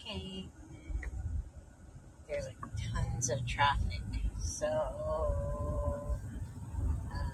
Okay, there's like tons of traffic, so uh, I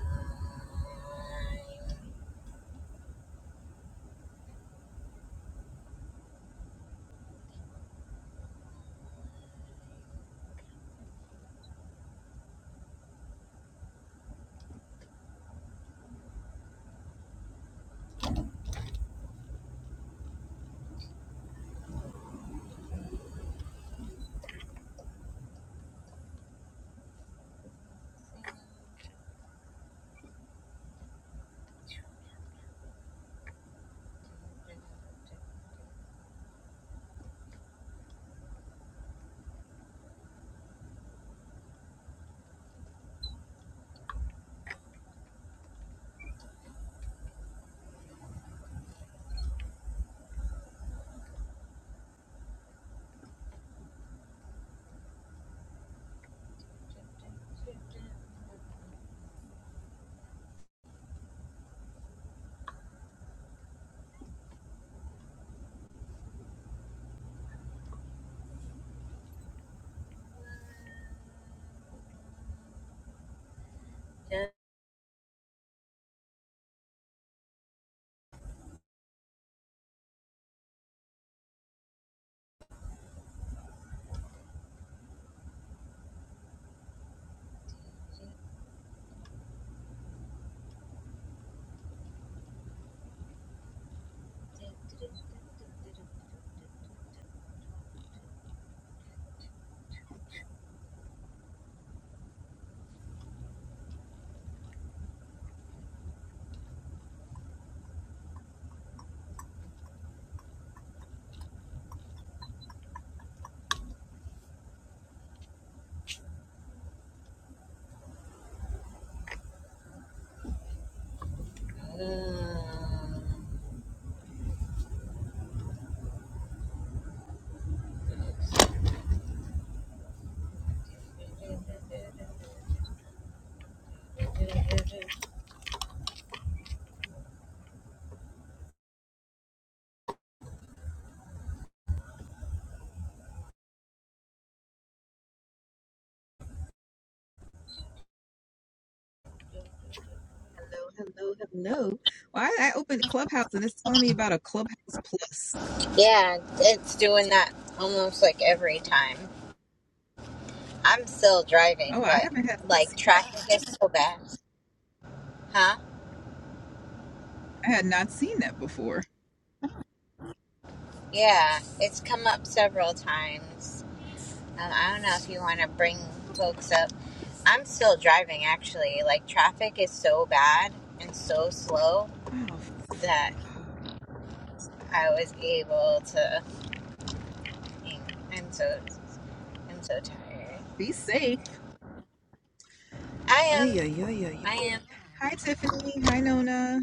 think- Mm. Hello, hello, hello. Well, I, I opened Clubhouse and it's telling me about a Clubhouse Plus. Yeah, it's doing that almost like every time. I'm still driving, Oh, I but haven't had like traffic is so bad. Huh? I had not seen that before. Yeah, it's come up several times. Um, I don't know if you want to bring folks up. I'm still driving actually. Like traffic is so bad and so slow Oh, that I was able to. I'm fine. so I'm so tired. be safe. I Ay, am. ay, ay, ay. ay. I am. Hi, Tiffany. Hi, Nona.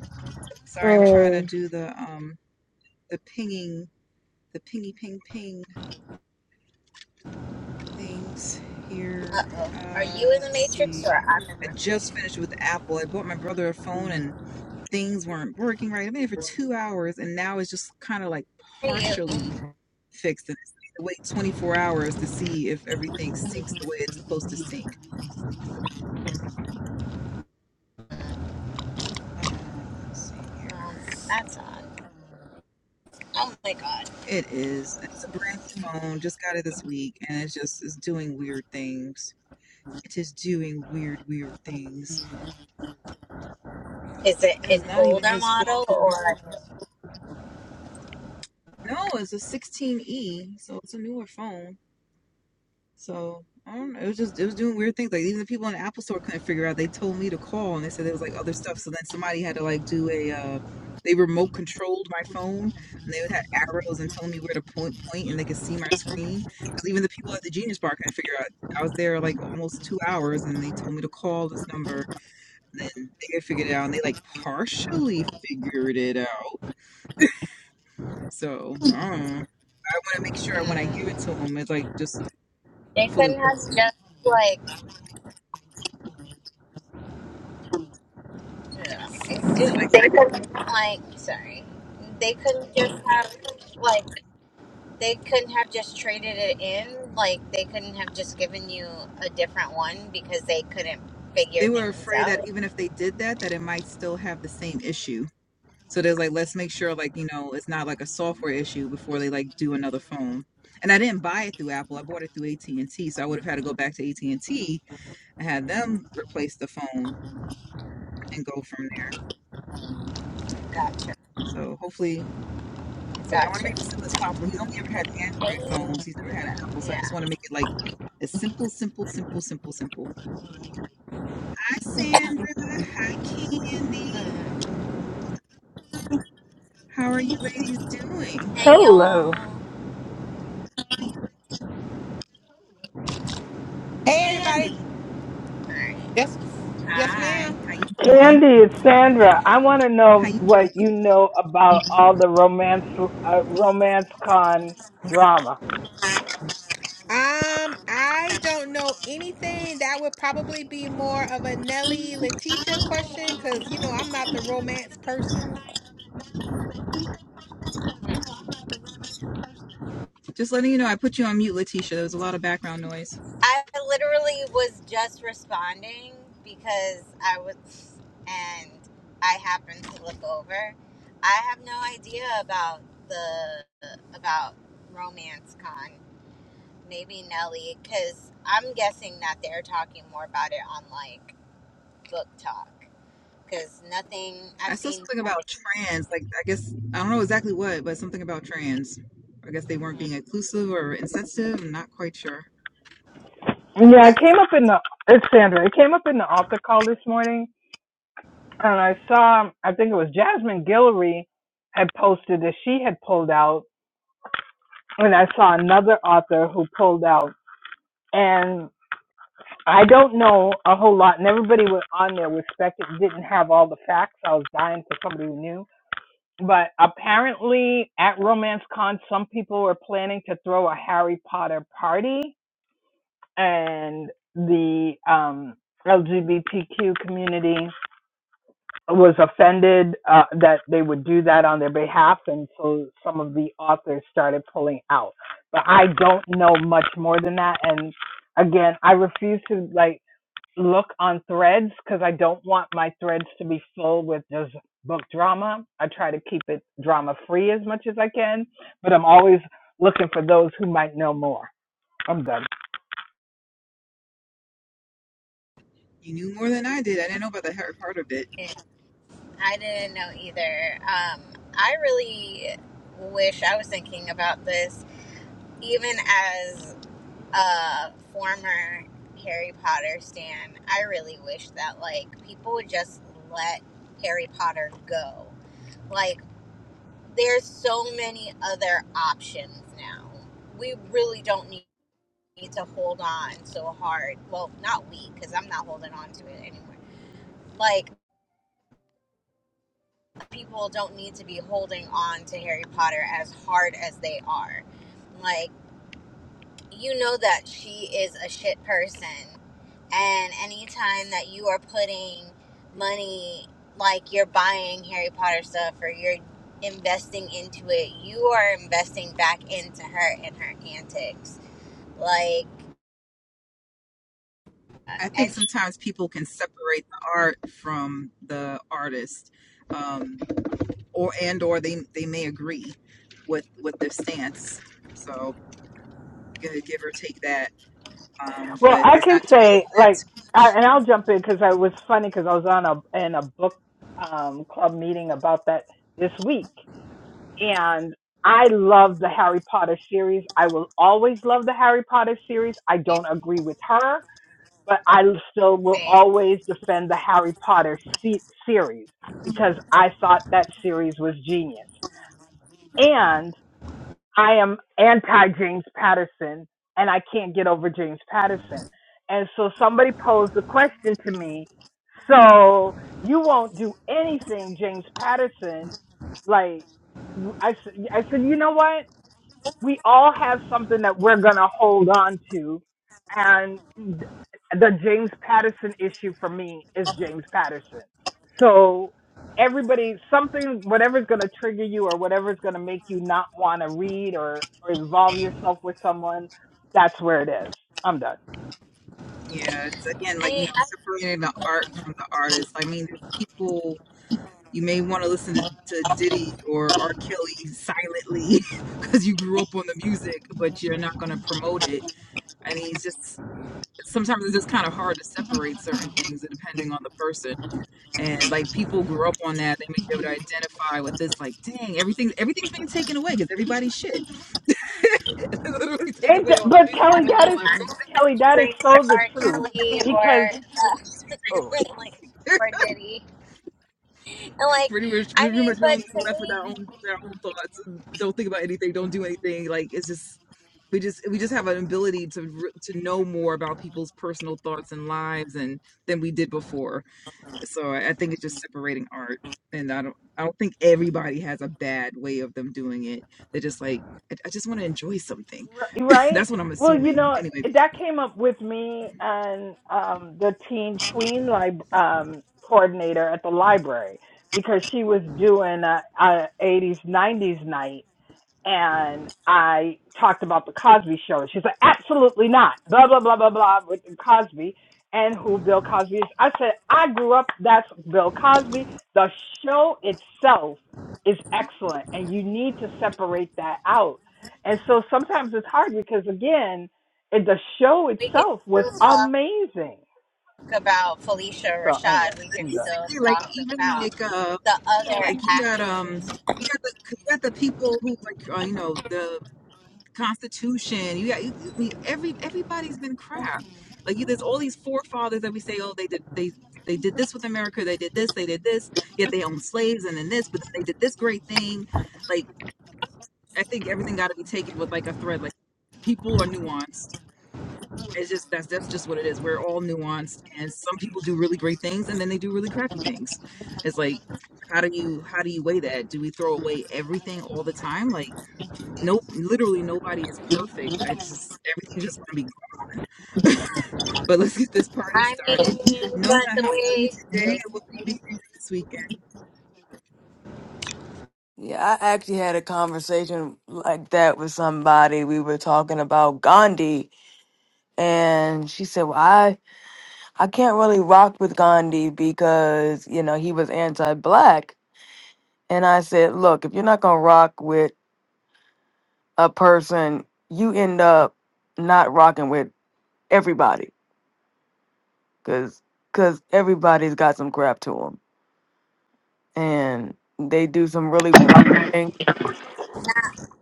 Sorry, I'm trying to Mm. do the um the pinging the pingy ping ping things here. Uh oh. Are you Uh, in the let's Matrix or see. I'm in I the? just finished with Apple. I bought my brother a phone and things weren't working right. I've been here for two hours and now it's just kind of like Are you? partially fixed and it's like to wait 24 hours to see if everything sinks the way it's supposed to sink. Uh, let's see Um, here. that's on. Oh my god. It is. It's a brand new phone. Just got it this week, and it's just it's doing weird things. It is doing weird, weird things. Is it And an it's not even older his fault. model because or? no, it's a 16e, so it's a newer phone. So I don't know. It was just it was doing weird things. Like even the people in the Apple store couldn't figure out. They told me to call and they said there was like other stuff. So then somebody had to like do a uh they remote controlled my phone and they would have arrows and telling me where to point point and they could see my screen. Because even the people at the Genius Bar couldn't figure out. I was there like almost two hours and they told me to call this number and they could figure it out and they like partially figured it out. So I don't know. I want to make sure when I give Mm, it to them, it's like just they fully. couldn't have just like. Ugh, dude, like, sorry. They couldn't just have. Like, they couldn't have just traded it in. Like, they couldn't have just given you a different one because they couldn't figure they were things afraid that out. even if they did that, that it might still have the same issue. So there's like, let's make sure like, you know, it's not like a software issue before they like do another phone. And I didn't buy it through Apple. I bought it through AT&T. So I would have had to go back to AT&T and T and had them replace the phone and go from there. Gotcha. So hopefully, I'm sorry, I want to make Gotcha. it as simple as possible. He's only ever had Android Hey, phones. He's never had an Apple. So I yeah. just want to make it like as simple, simple, simple, simple, simple. Hi, Sandra. Hi, Candy. Mm. How are you ladies doing? Hey, Hello. y'all. Hey everybody. Candy. Yes, yes, Hi, ma'am. how you doing? Candy, it's Sandra. I want to How know you what doing? you know about all the romance uh, romance con drama. Um, I don't know anything that would probably be more of a Nelly Letitia question because you know I'm not the romance person. Just letting you know, I put you on mute, Letitia. There was a lot of background noise. I literally was just responding because I was, and I happened to look over. I have no idea about the about Romance Con. Maybe Nelly, because I'm guessing that they're talking more about it on like book talk. Because nothing I I've saw seen something about trans. Like, I guess I don't know exactly what, but something about trans. I guess they weren't nothing. being inclusive or insensitive. I'm not quite sure. Yeah, I That's came up in the it's Sandra. It came up in the altar call this morning, and I saw I think it was Jasmine Guillory had posted that she had pulled out, and I saw another author who pulled out, and I don't know a whole lot. And everybody was on there was spec didn't have all the facts. I was dying for somebody who knew But apparently, at RomanceCon, some people were planning to throw a Harry Potter party, and the um, LGBTQ community was offended uh, that they would do that on their behalf, and so some of the authors started pulling out. But I don't know much more than that, and again, I refuse to like look on threads because I don't want my threads to be full with just book drama. I try to keep it drama free as much as I can, but I'm always looking for those who might know more. I'm done. You knew more than I did. I didn't know about the hard part of it. it. I didn't know either. Um, I really wish I was thinking about this even as a former Harry Potter stan, I really wish that like people would just let Harry Potter go. Like there's so many other options now. We really don't need to hold on so hard. Well, not we cuz I'm not holding on to it anymore. Like people don't need to be holding on to Harry Potter as hard as they are. Like. you know that she is a shit person. And anytime that you are putting money, like you're buying Harry Potter stuff or you're investing into it, you are investing back into her and her antics. Like, uh, I think and she sometimes people can separate the art from the artist, um, or and or they they may agree with with their stance. So give, give or take that. Um, Well, but I let's can not dwell say on that like, too I, much. and I'll jump in because I was funny because I was on a in a book um, club meeting about that this week, and I love the Harry Potter series. I will always love the Harry Potter series. I ain't don't agree with her but I still the will same. always defend the Harry Potter se- series because I thought that series was genius. And I am anti James Patterson, and I can't get over James Patterson. And so somebody posed the question to me so you won't do anything, James Patterson? Like, I, s- I said, you know what? we all have something that we're going to hold on to. And th- the James Patterson issue for me is James Patterson. So everybody, something, whatever's going to trigger you or whatever's going to make you not want to read or, or involve yourself with someone, that's where it is. I'm done. Yeah, it's again I, like you mean, know I, separating the art from the artist. I mean, there's people you may want to listen to, to Diddy or R. Kelly silently because you grew up on the music, but you're not going to promote it. I mean, it's just sometimes it's just kind of hard to separate certain things depending on the person. And like people grew up on that, they may be able to identify with this. Like, dang, everything everything's being taken away because everybody's shit. They're literally taking Ain't away that, all our but music. I Kelly, They're mean, taking away that all our I is books. Kelly, that is straight to so the R. truth Kelly because or oh, uh, like or Diddy. And like, pretty much I pretty much mean, we but don't be to left with me, our own with our own thoughts. Don't think about anything. Don't do anything. Like it's just we just we just have an ability to re- to know more about people's personal thoughts and lives and than we did before. So I, I think it's just separating art, and I don't I don't think everybody has a bad way of them doing it. They're just like I, I just want to enjoy something. Ri- Right? That's what I'm Well, you assuming. know, Anyway, that came up with me and um the teen tween lib um coordinator at the library because she was doing a, a 80s 90s night and I talked about the Cosby Show. She's like, absolutely not. Blah blah blah blah blah with Cosby and who Bill Cosby is. I said, I grew up. That's Bill Cosby. The show itself is excellent, and you need to separate that out. And so sometimes it's hard because again, it, the show we can itself was still talk. amazing. about Felicia So anyway, Rashad, we I'm can done. still basically like talk even about like uh the other like you got um actors. you got the 'cause you got the people who like uh, you know the Constitution you got you, I mean, every everybody's been crap like you, there's all these forefathers that we say oh they did they they did this with America they did this they did this yet they owned slaves and then this but then they did this great thing like I think everything got to be taken with like a thread like people are nuanced it's just that's that's just what it is. We're all nuanced, and some people do really great things, and then they do really crappy things. It's like, how do you how do you weigh that? Do we throw away everything all the time? Like, no, literally nobody is perfect. I just everything's just gonna be. But let's get this party I mean, started. Nona, but how are you the today? way What will you be doing this weekend? Yeah, I actually had a conversation like that with somebody. We were talking about Gandhi, and she said, "Well, I I can't really rock with Gandhi because you know he was anti-black." And I said, "Look, if you're not gonna rock with a person, you end up not rocking with everybody, cause cause everybody's got some crap to them, and they do some really wild things."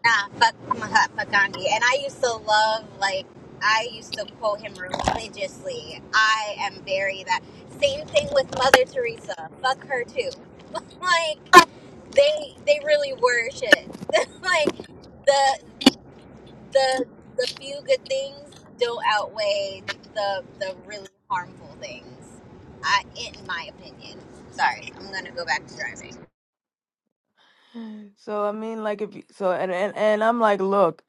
nah, fuck Mahatma Gandhi, and I used to love like I used to quote him religiously. I am very that same thing with Mother Teresa. Fuck her too. like they they really were shit. like. the the the few good things don't outweigh the the really harmful things. I, in my opinion. Sorry, I'm gonna go back to driving. So I mean, like if you, so, and, and and I'm like, look,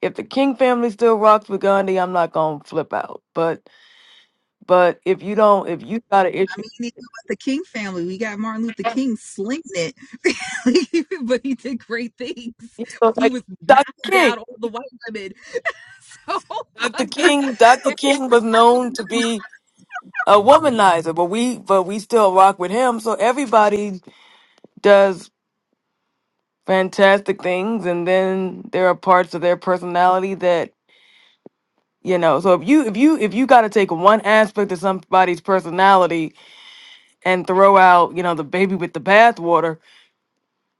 if the King family still rocks with Gandhi, I'm not gonna flip out. But but if you don't, if you got an I issue, mean, you know about the King family. We got Martin Luther King slinging it, but he did great things. so He like was Dr. knocking King, down all the white women. So. Dr. but King, Dr. King was known to be a womanizer, but we but we still rock with him. So everybody does fantastic things, and then there are parts of their personality that you know. So if you if you if you got to take one aspect of somebody's personality and throw out, you know, the baby with the bathwater,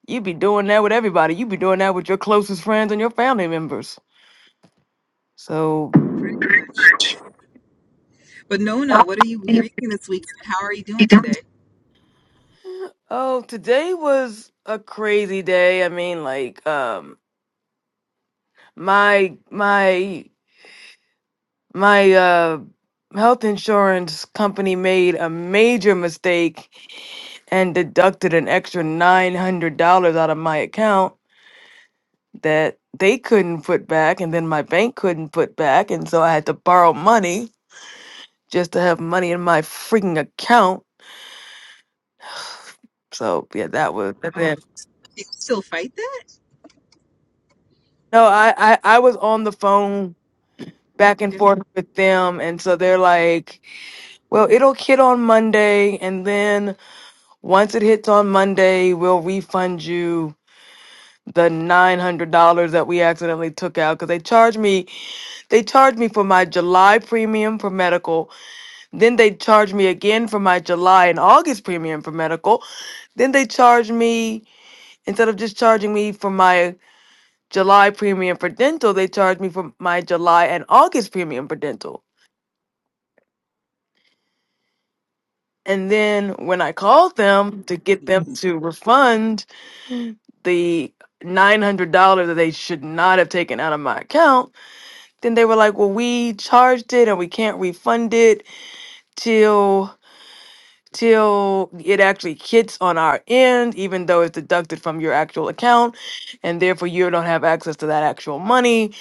you'd be doing that with everybody. You'd be doing that with your closest friends and your family members. So, But Nona, what are you You- reading this weekend? How are you you doing don't- today? oh, today was a crazy day. I mean, like, um, my my my uh health insurance company made a major mistake and deducted an extra nine hundred dollars out of my account. that they couldn't put back and then my bank couldn't put back and so I had to borrow money just to have money in my freaking account. So yeah, that was and Oh, then do you still fight that? no, I, I I was on the phone back and Okay, forth with them and so they're like, Well, it'll hit on Monday and then once it hits on Monday, we'll refund you the nine hundred dollars that we accidentally took out because they charged me they charged me for my July premium for medical Then they charged me again for my July and August premium for medical. Then they charged me, instead of just charging me for my July premium for dental, they charged me for my July and August premium for dental. And then when I called them to get them to refund the $900 that they should not have taken out of my account, then they were like, well, we charged it and we can't refund it till." till it actually hits on our end, even though it's deducted from your actual account, and therefore you don't have access to that actual money.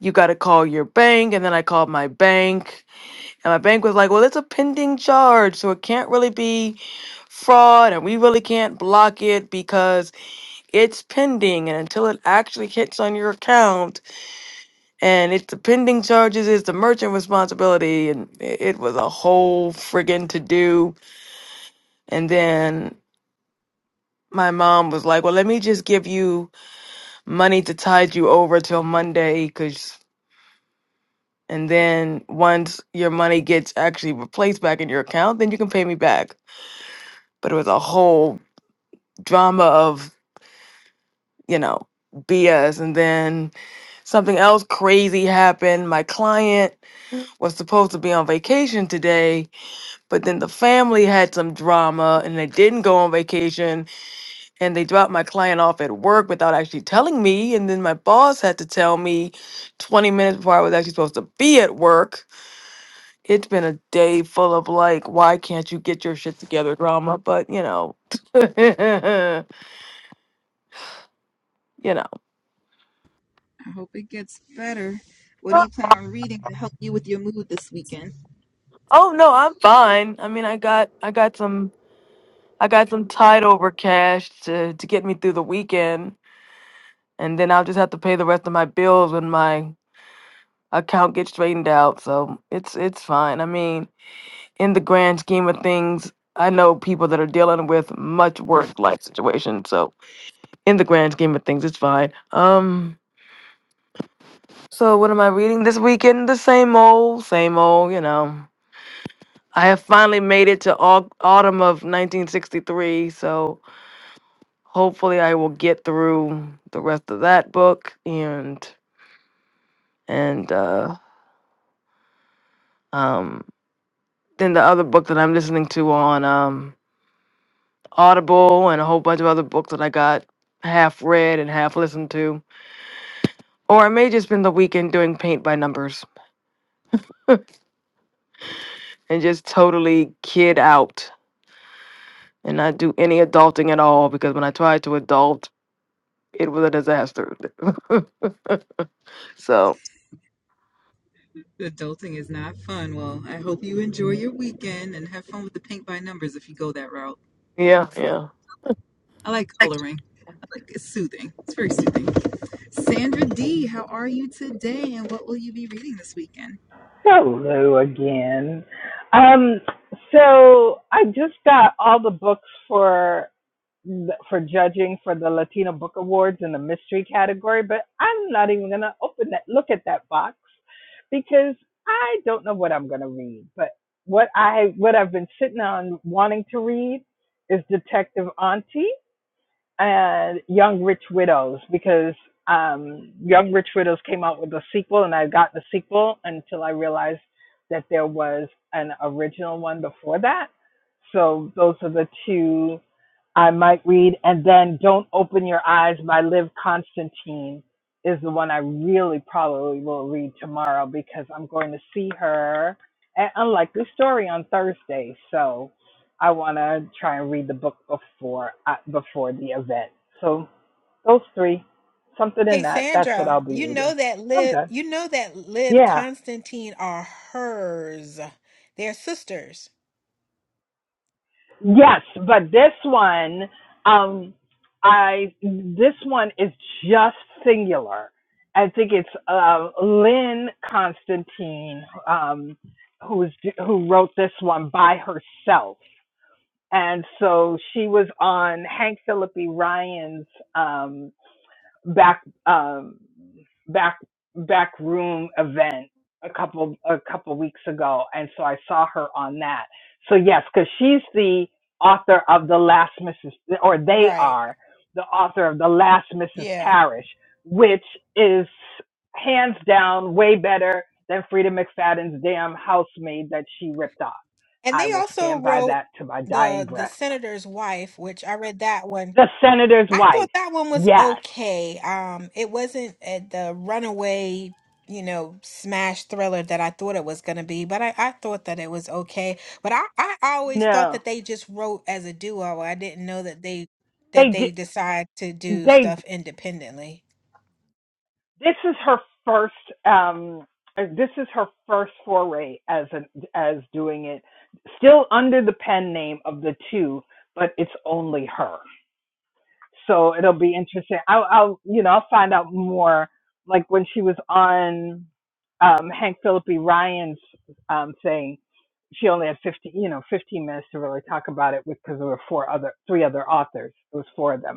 You got to call your bank, and then I called my bank, and my bank was like, "Well, it's a pending charge, so it can't really be fraud, and we really can't block it because it's pending, and until it actually hits on your account, and it's the pending charges is the merchant responsibility, and it it was a whole friggin' to do." And then my mom was like, "Well, let me just give you money to tide you over till Monday, cause and then once your money gets actually replaced back in your account, then you can pay me back." But it was a whole drama of you know BS, and then something else crazy happened. My client was supposed to be on vacation today, but then the family had some drama, and they didn't go on vacation and they dropped my client off at work without actually telling me. And then my boss had to tell me 20 minutes before I was actually supposed to be at work. It's been a day full of like, why can't you get your shit together drama? But you know, you know. I hope it gets better. What do Uh, you plan on reading to help you with your mood this weekend? Oh no, I'm fine. I mean, I got I got some I got some tide over cash to to get me through the weekend, and then I'll just have to pay the rest of my bills when my account gets straightened out. So it's it's fine. I mean, in the grand scheme of things, I know people that are dealing with much worse life situations. So in the grand scheme of things, it's fine. Um, so what am I reading this weekend? The same old, same old. You know, I have finally made it to au- autumn of 1963. So hopefully, I will get through the rest of that book and and uh, um, then the other book that I'm listening to on um Audible and a whole bunch of other books that I got half read and half listened to. Or I may just spend the weekend doing paint by numbers and just totally kid out and not do any adulting at all because when I tried to adult, it was a disaster. so, Adulting is not fun. Well, I hope you enjoy your weekend and have fun with the paint by numbers if you go that route. yeah, yeah. I like coloring. I like it's soothing. It's very soothing. Sandra D, how are you today and what will you be reading this weekend? Hello again. Um, so I just got all the books for th- for judging for the Latino Book Awards in the mystery category, but I'm not even going to open that, look at that box because I don't know what I'm going to read. But what I, what I've been sitting on wanting to read is Detective Auntie and Young Rich Widows because um, Young Rich Widows came out with a sequel and I got the sequel until I realized that there was an original one before that. So those are the two I might read, and then Don't Open Your Eyes by Liv Constantine is the one I really probably will read tomorrow because I'm going to see her at Unlikely Story on Thursday. So I want to try and read the book before uh, before the event. So those three, something in Hey that. That's what I'll Sandra, be you know reading. that I'm Liv done. you know that Liv Yeah. Constantine are hers. They're sisters. Yes, but this one, um, I this one is just singular. I think it's uh, Lynn Constantine um, who is who wrote this one by herself, and so she was on Hank Phillippe Ryan's. Um, back um back back room event a couple a couple weeks ago and so i saw her on that so yes because she's the author of the last mrs or they Right. are the author of the last mrs Yeah. parish which is hands down way better than frida mcfadden's damn housemaid that she ripped off And i they will also stand by wrote that to my dying the the breath senator's wife, which I read that one the senator's I thought wife that one was yes okay. Um, it wasn't uh, the runaway, you know, smash thriller that I thought it was gonna be, but I, I thought that it was okay. But I, I always thought no that they just wrote as a duo. I didn't know that they they that did they decide to do they stuff independently. this is her first um uh, this is her first foray as an as doing it still under the pen name of the two but it's only her so it'll be interesting i'll i'll you know i'll find out more like when she was on um hank philippi ryan's um thing she only had 15 you know 15 minutes to really talk about it because there were four other three other authors it was four of them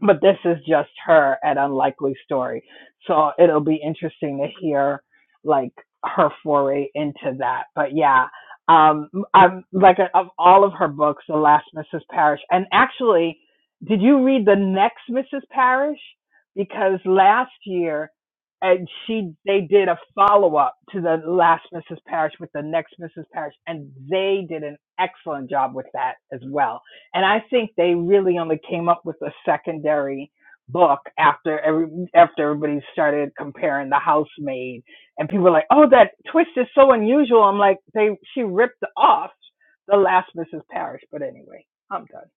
but this is just her at unlikely story so it'll be interesting to hear like her foray into that but yeah um i'm like a, of all of her books the last mrs parrish and actually did you read the next mrs parrish because last year and she they did a follow-up to the last mrs parrish with the next mrs parrish and they did an excellent job with that as well and I think they really only came up with a secondary book after every after everybody started comparing the housemaid and people were like, Oh, that twist is so unusual. I'm like, they she ripped off the last Mrs. Parrish, but anyway, I'm done.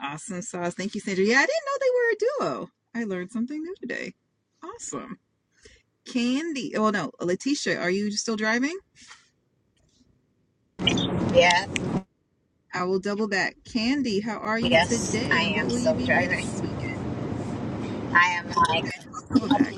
Awesome sauce. Thank you, Sandra. Yeah, I didn't know they were a duo. I learned something new today. Awesome. Candy, oh no, Letitia, are you still driving? Yes, I will double back. Candy, how are you yes, today I and what am will you still be reading driving. this week? I am like Okay, double back.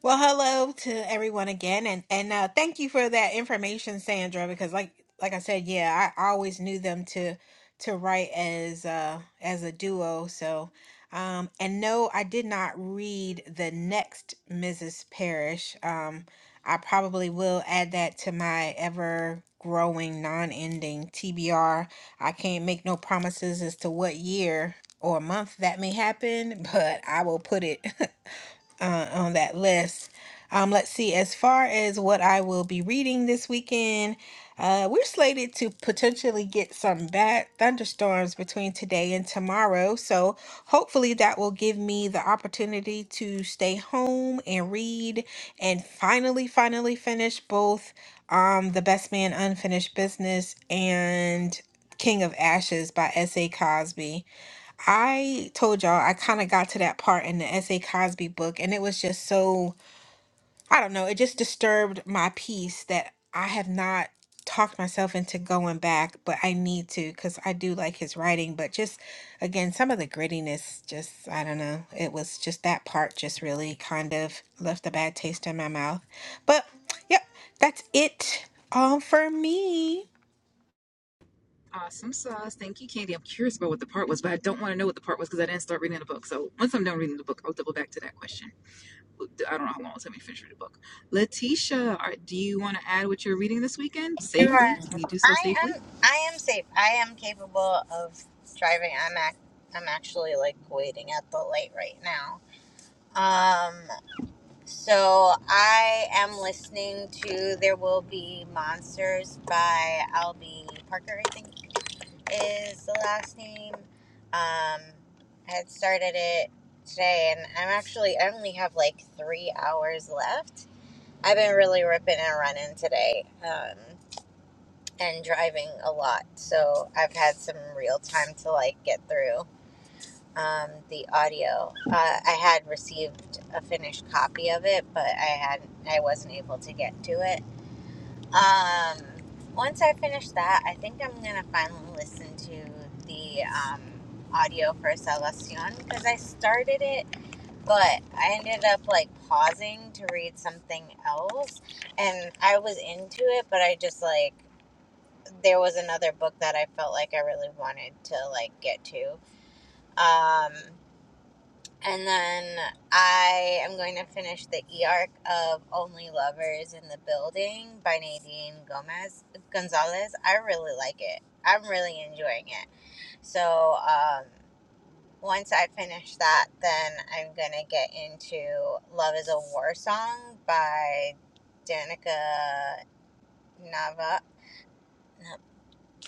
Well, hello to everyone again, and and uh, thank you for that information, Sandra. Because like like I said, yeah, I, always knew them to to write as uh as a duo. So, um, and no, I did not read the next Mrs. Parrish. Um, I probably will add that to my ever growing, non ending TBR. I can't make no promises as to what year or month that may happen, but I will put it. uh, on that list. Um, let's see, as far as what I will be reading this weekend, uh, we're slated to potentially get some bad thunderstorms between today and tomorrow. So hopefully that will give me the opportunity to stay home and read and finally, finally finish both um, The Best Man Unfinished Business and King of Ashes by S.A. Cosby. I told y'all I kind of got to that part in the S.A. Cosby book, and it was just so, I don't know, it just disturbed my peace that I have not talked myself into going back, but I need to because I do like his writing. But just again, some of the grittiness, just, I don't know, it was just that part just really kind of left a bad taste in my mouth. But yep, that's it all for me. Awesome sauce. Thank you, Candy. I'm curious about what the part was, but I don't want to know what the part was because I didn't start reading the book. So once I'm done reading the book, I'll double back to that question. I don't know how long it'll take me to finish reading the book. Letitia, are, do you want to add what you're reading this weekend safely? sure. Can you do so I safely? am. I am safe. I am capable of driving. I'm act. I'm actually like waiting at the light right now. Um. So I am listening to "There Will Be Monsters" by Albie Parker. I think is the last name. Um, I had started it today, and I'm actually I only have like three hours left. I've been really ripping and running today, um, and driving a lot, so I've had some real time to like get through um, the audio. Uh, I had received a finished copy of it, but I had I wasn't able to get to it um, once I finish that, I think I'm gonna finally listen to the um, audio for Salvacion because I started it, but I ended up like pausing to read something else, and I was into it, but I just like there was another book that I felt like I really wanted to like get to. Um, and then I am going to finish the e arc of Only Lovers in the Building by Nadine Gomez Gonzalez. I really like it. I'm really enjoying it. So um, once I finish that, then I'm gonna get into Love Is a War Song by Danica Nava. no,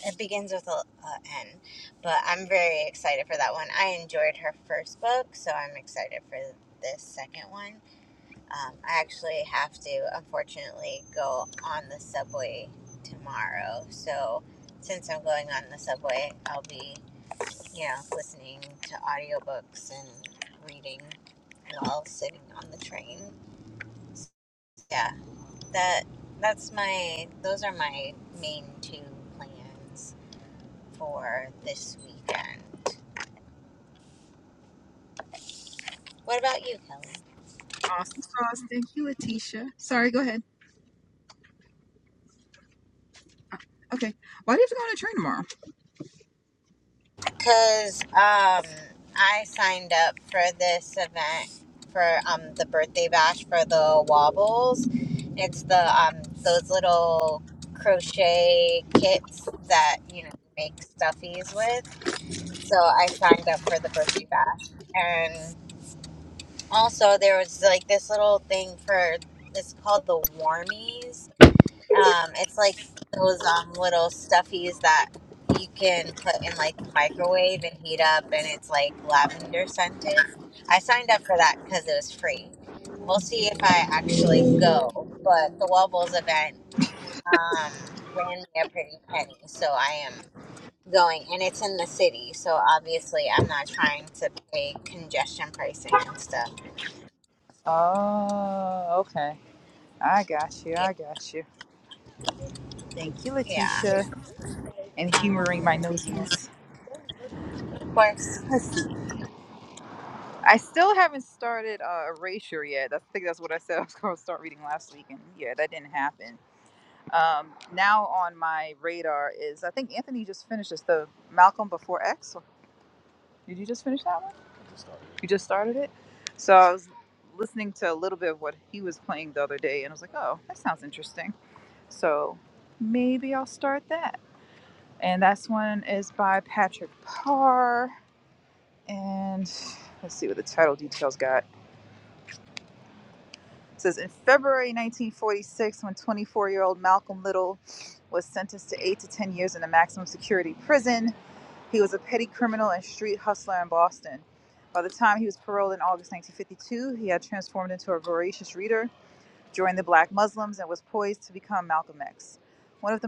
It begins with a, a N, but I'm very excited for that one. I enjoyed her first book, so I'm excited for this second one. Um, I actually have to, unfortunately, go on the subway tomorrow. So, since I'm going on the subway, I'll be, you know, listening to audiobooks and reading while sitting on the train. Yeah, that that's my those are my main two plans for this weekend. What about you, Kelly? Awesome sauce. Thank you, Letitia. Sorry, go ahead. Okay. Why do you have to go on a train tomorrow? Cause um, I signed up for this event for um the birthday bash for the wobbles. It's the um those little crochet kits that you know you make stuffies with. So I signed up for the birthday bash, and also there was like this little thing for it's called the warmies um, it's like those um, little stuffies that you can put in like the microwave and heat up, and it's like lavender scented. I signed up for that because it was free. We'll see if I actually go, but the Wubbles event um, ran me a pretty penny, so I am going, and it's in the city, so obviously I'm not trying to pay congestion pricing and stuff. Oh, okay. I got you. Yeah, I got you. Thank you, yeah, Letitia, and humoring my nosiness. of course. Let's see. I still haven't started uh, Erasure yet. I think that's what I said I was going to start reading last week, and yeah, that didn't happen. Um, now on my radar is I think Anthony just finished this, the Malcolm Before X. Did you just finish that one? You just started it. So I was listening to a little bit of what he was playing the other day, and I was like, oh, that sounds interesting. So maybe I'll start that. and that's one is by Patrick Parr. And let's see what the title details got. It says in February 1946, when 24 Malcolm Little was sentenced to eight to 10 years in a maximum security prison, he was a petty criminal and street hustler in Boston. By the time he was paroled in August 1952, he had transformed into a voracious reader, joined the black Muslims, and was poised to become Malcolm X, one of the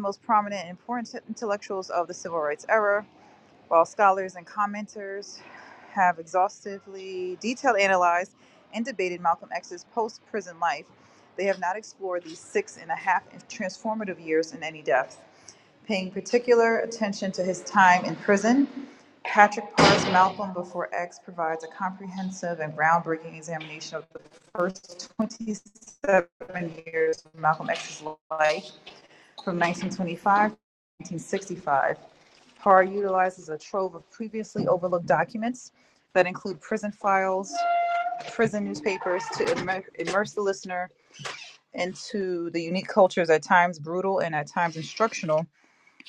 intellectuals of the civil rights era. While and commenters have exhaustively detailed, analyzed, and debated Malcolm X's post prison life, they have not explored these six and a half transformative years in any depth. Paying particular attention to his time in prison, Patrick Parr's Malcolm Before X provides a comprehensive and groundbreaking examination of the first 27 years of Malcolm X's life from 1925 to 1965 PAR utilizes a trove of previously overlooked documents that include prison files, prison newspapers to immer- immerse the listener into the unique cultures, at times brutal and at times instructional,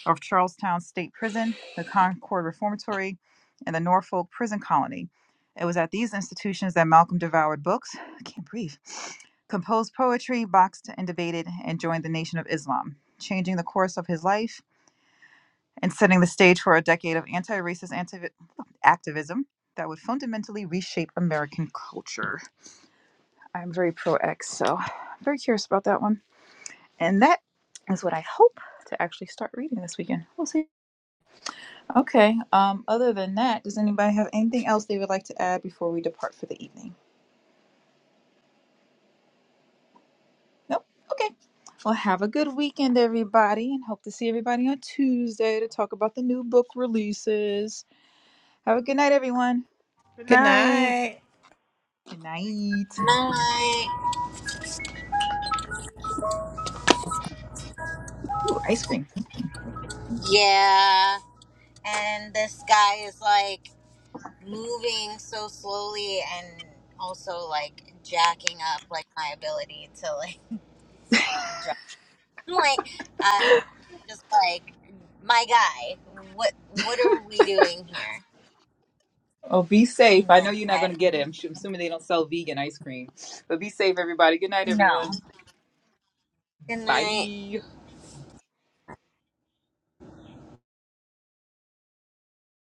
of Charlestown State Prison, the Concord Reformatory, and the Norfolk Prison Colony. It was at these institutions that Malcolm devoured books, I can't breathe, composed poetry, boxed and debated, and joined the Nation of Islam, changing the course of his life and setting the stage for a decade of anti racist anti- activism that would fundamentally reshape American culture. I'm very pro X, so I'm very curious about that one. And that is what I hope to actually start reading this weekend. We'll see. Okay, um, other than that, does anybody have anything else they would like to add before we depart for the evening? Nope. Okay. Well, have a good weekend, everybody, and hope to see everybody on Tuesday to talk about the new book releases. Have a good night, everyone. Good Good night. night. Good night. Night. Ooh, ice cream. Yeah. and this guy is like moving so slowly and also like jacking up like my ability to like drive. I'm like, um, just like my guy, what what are we doing here? Oh, be safe. And I know then you're not I going to get it. I'm, su- assuming they don't sell vegan ice cream. But be safe, everybody. Good night, everyone. no. Good night. Bye.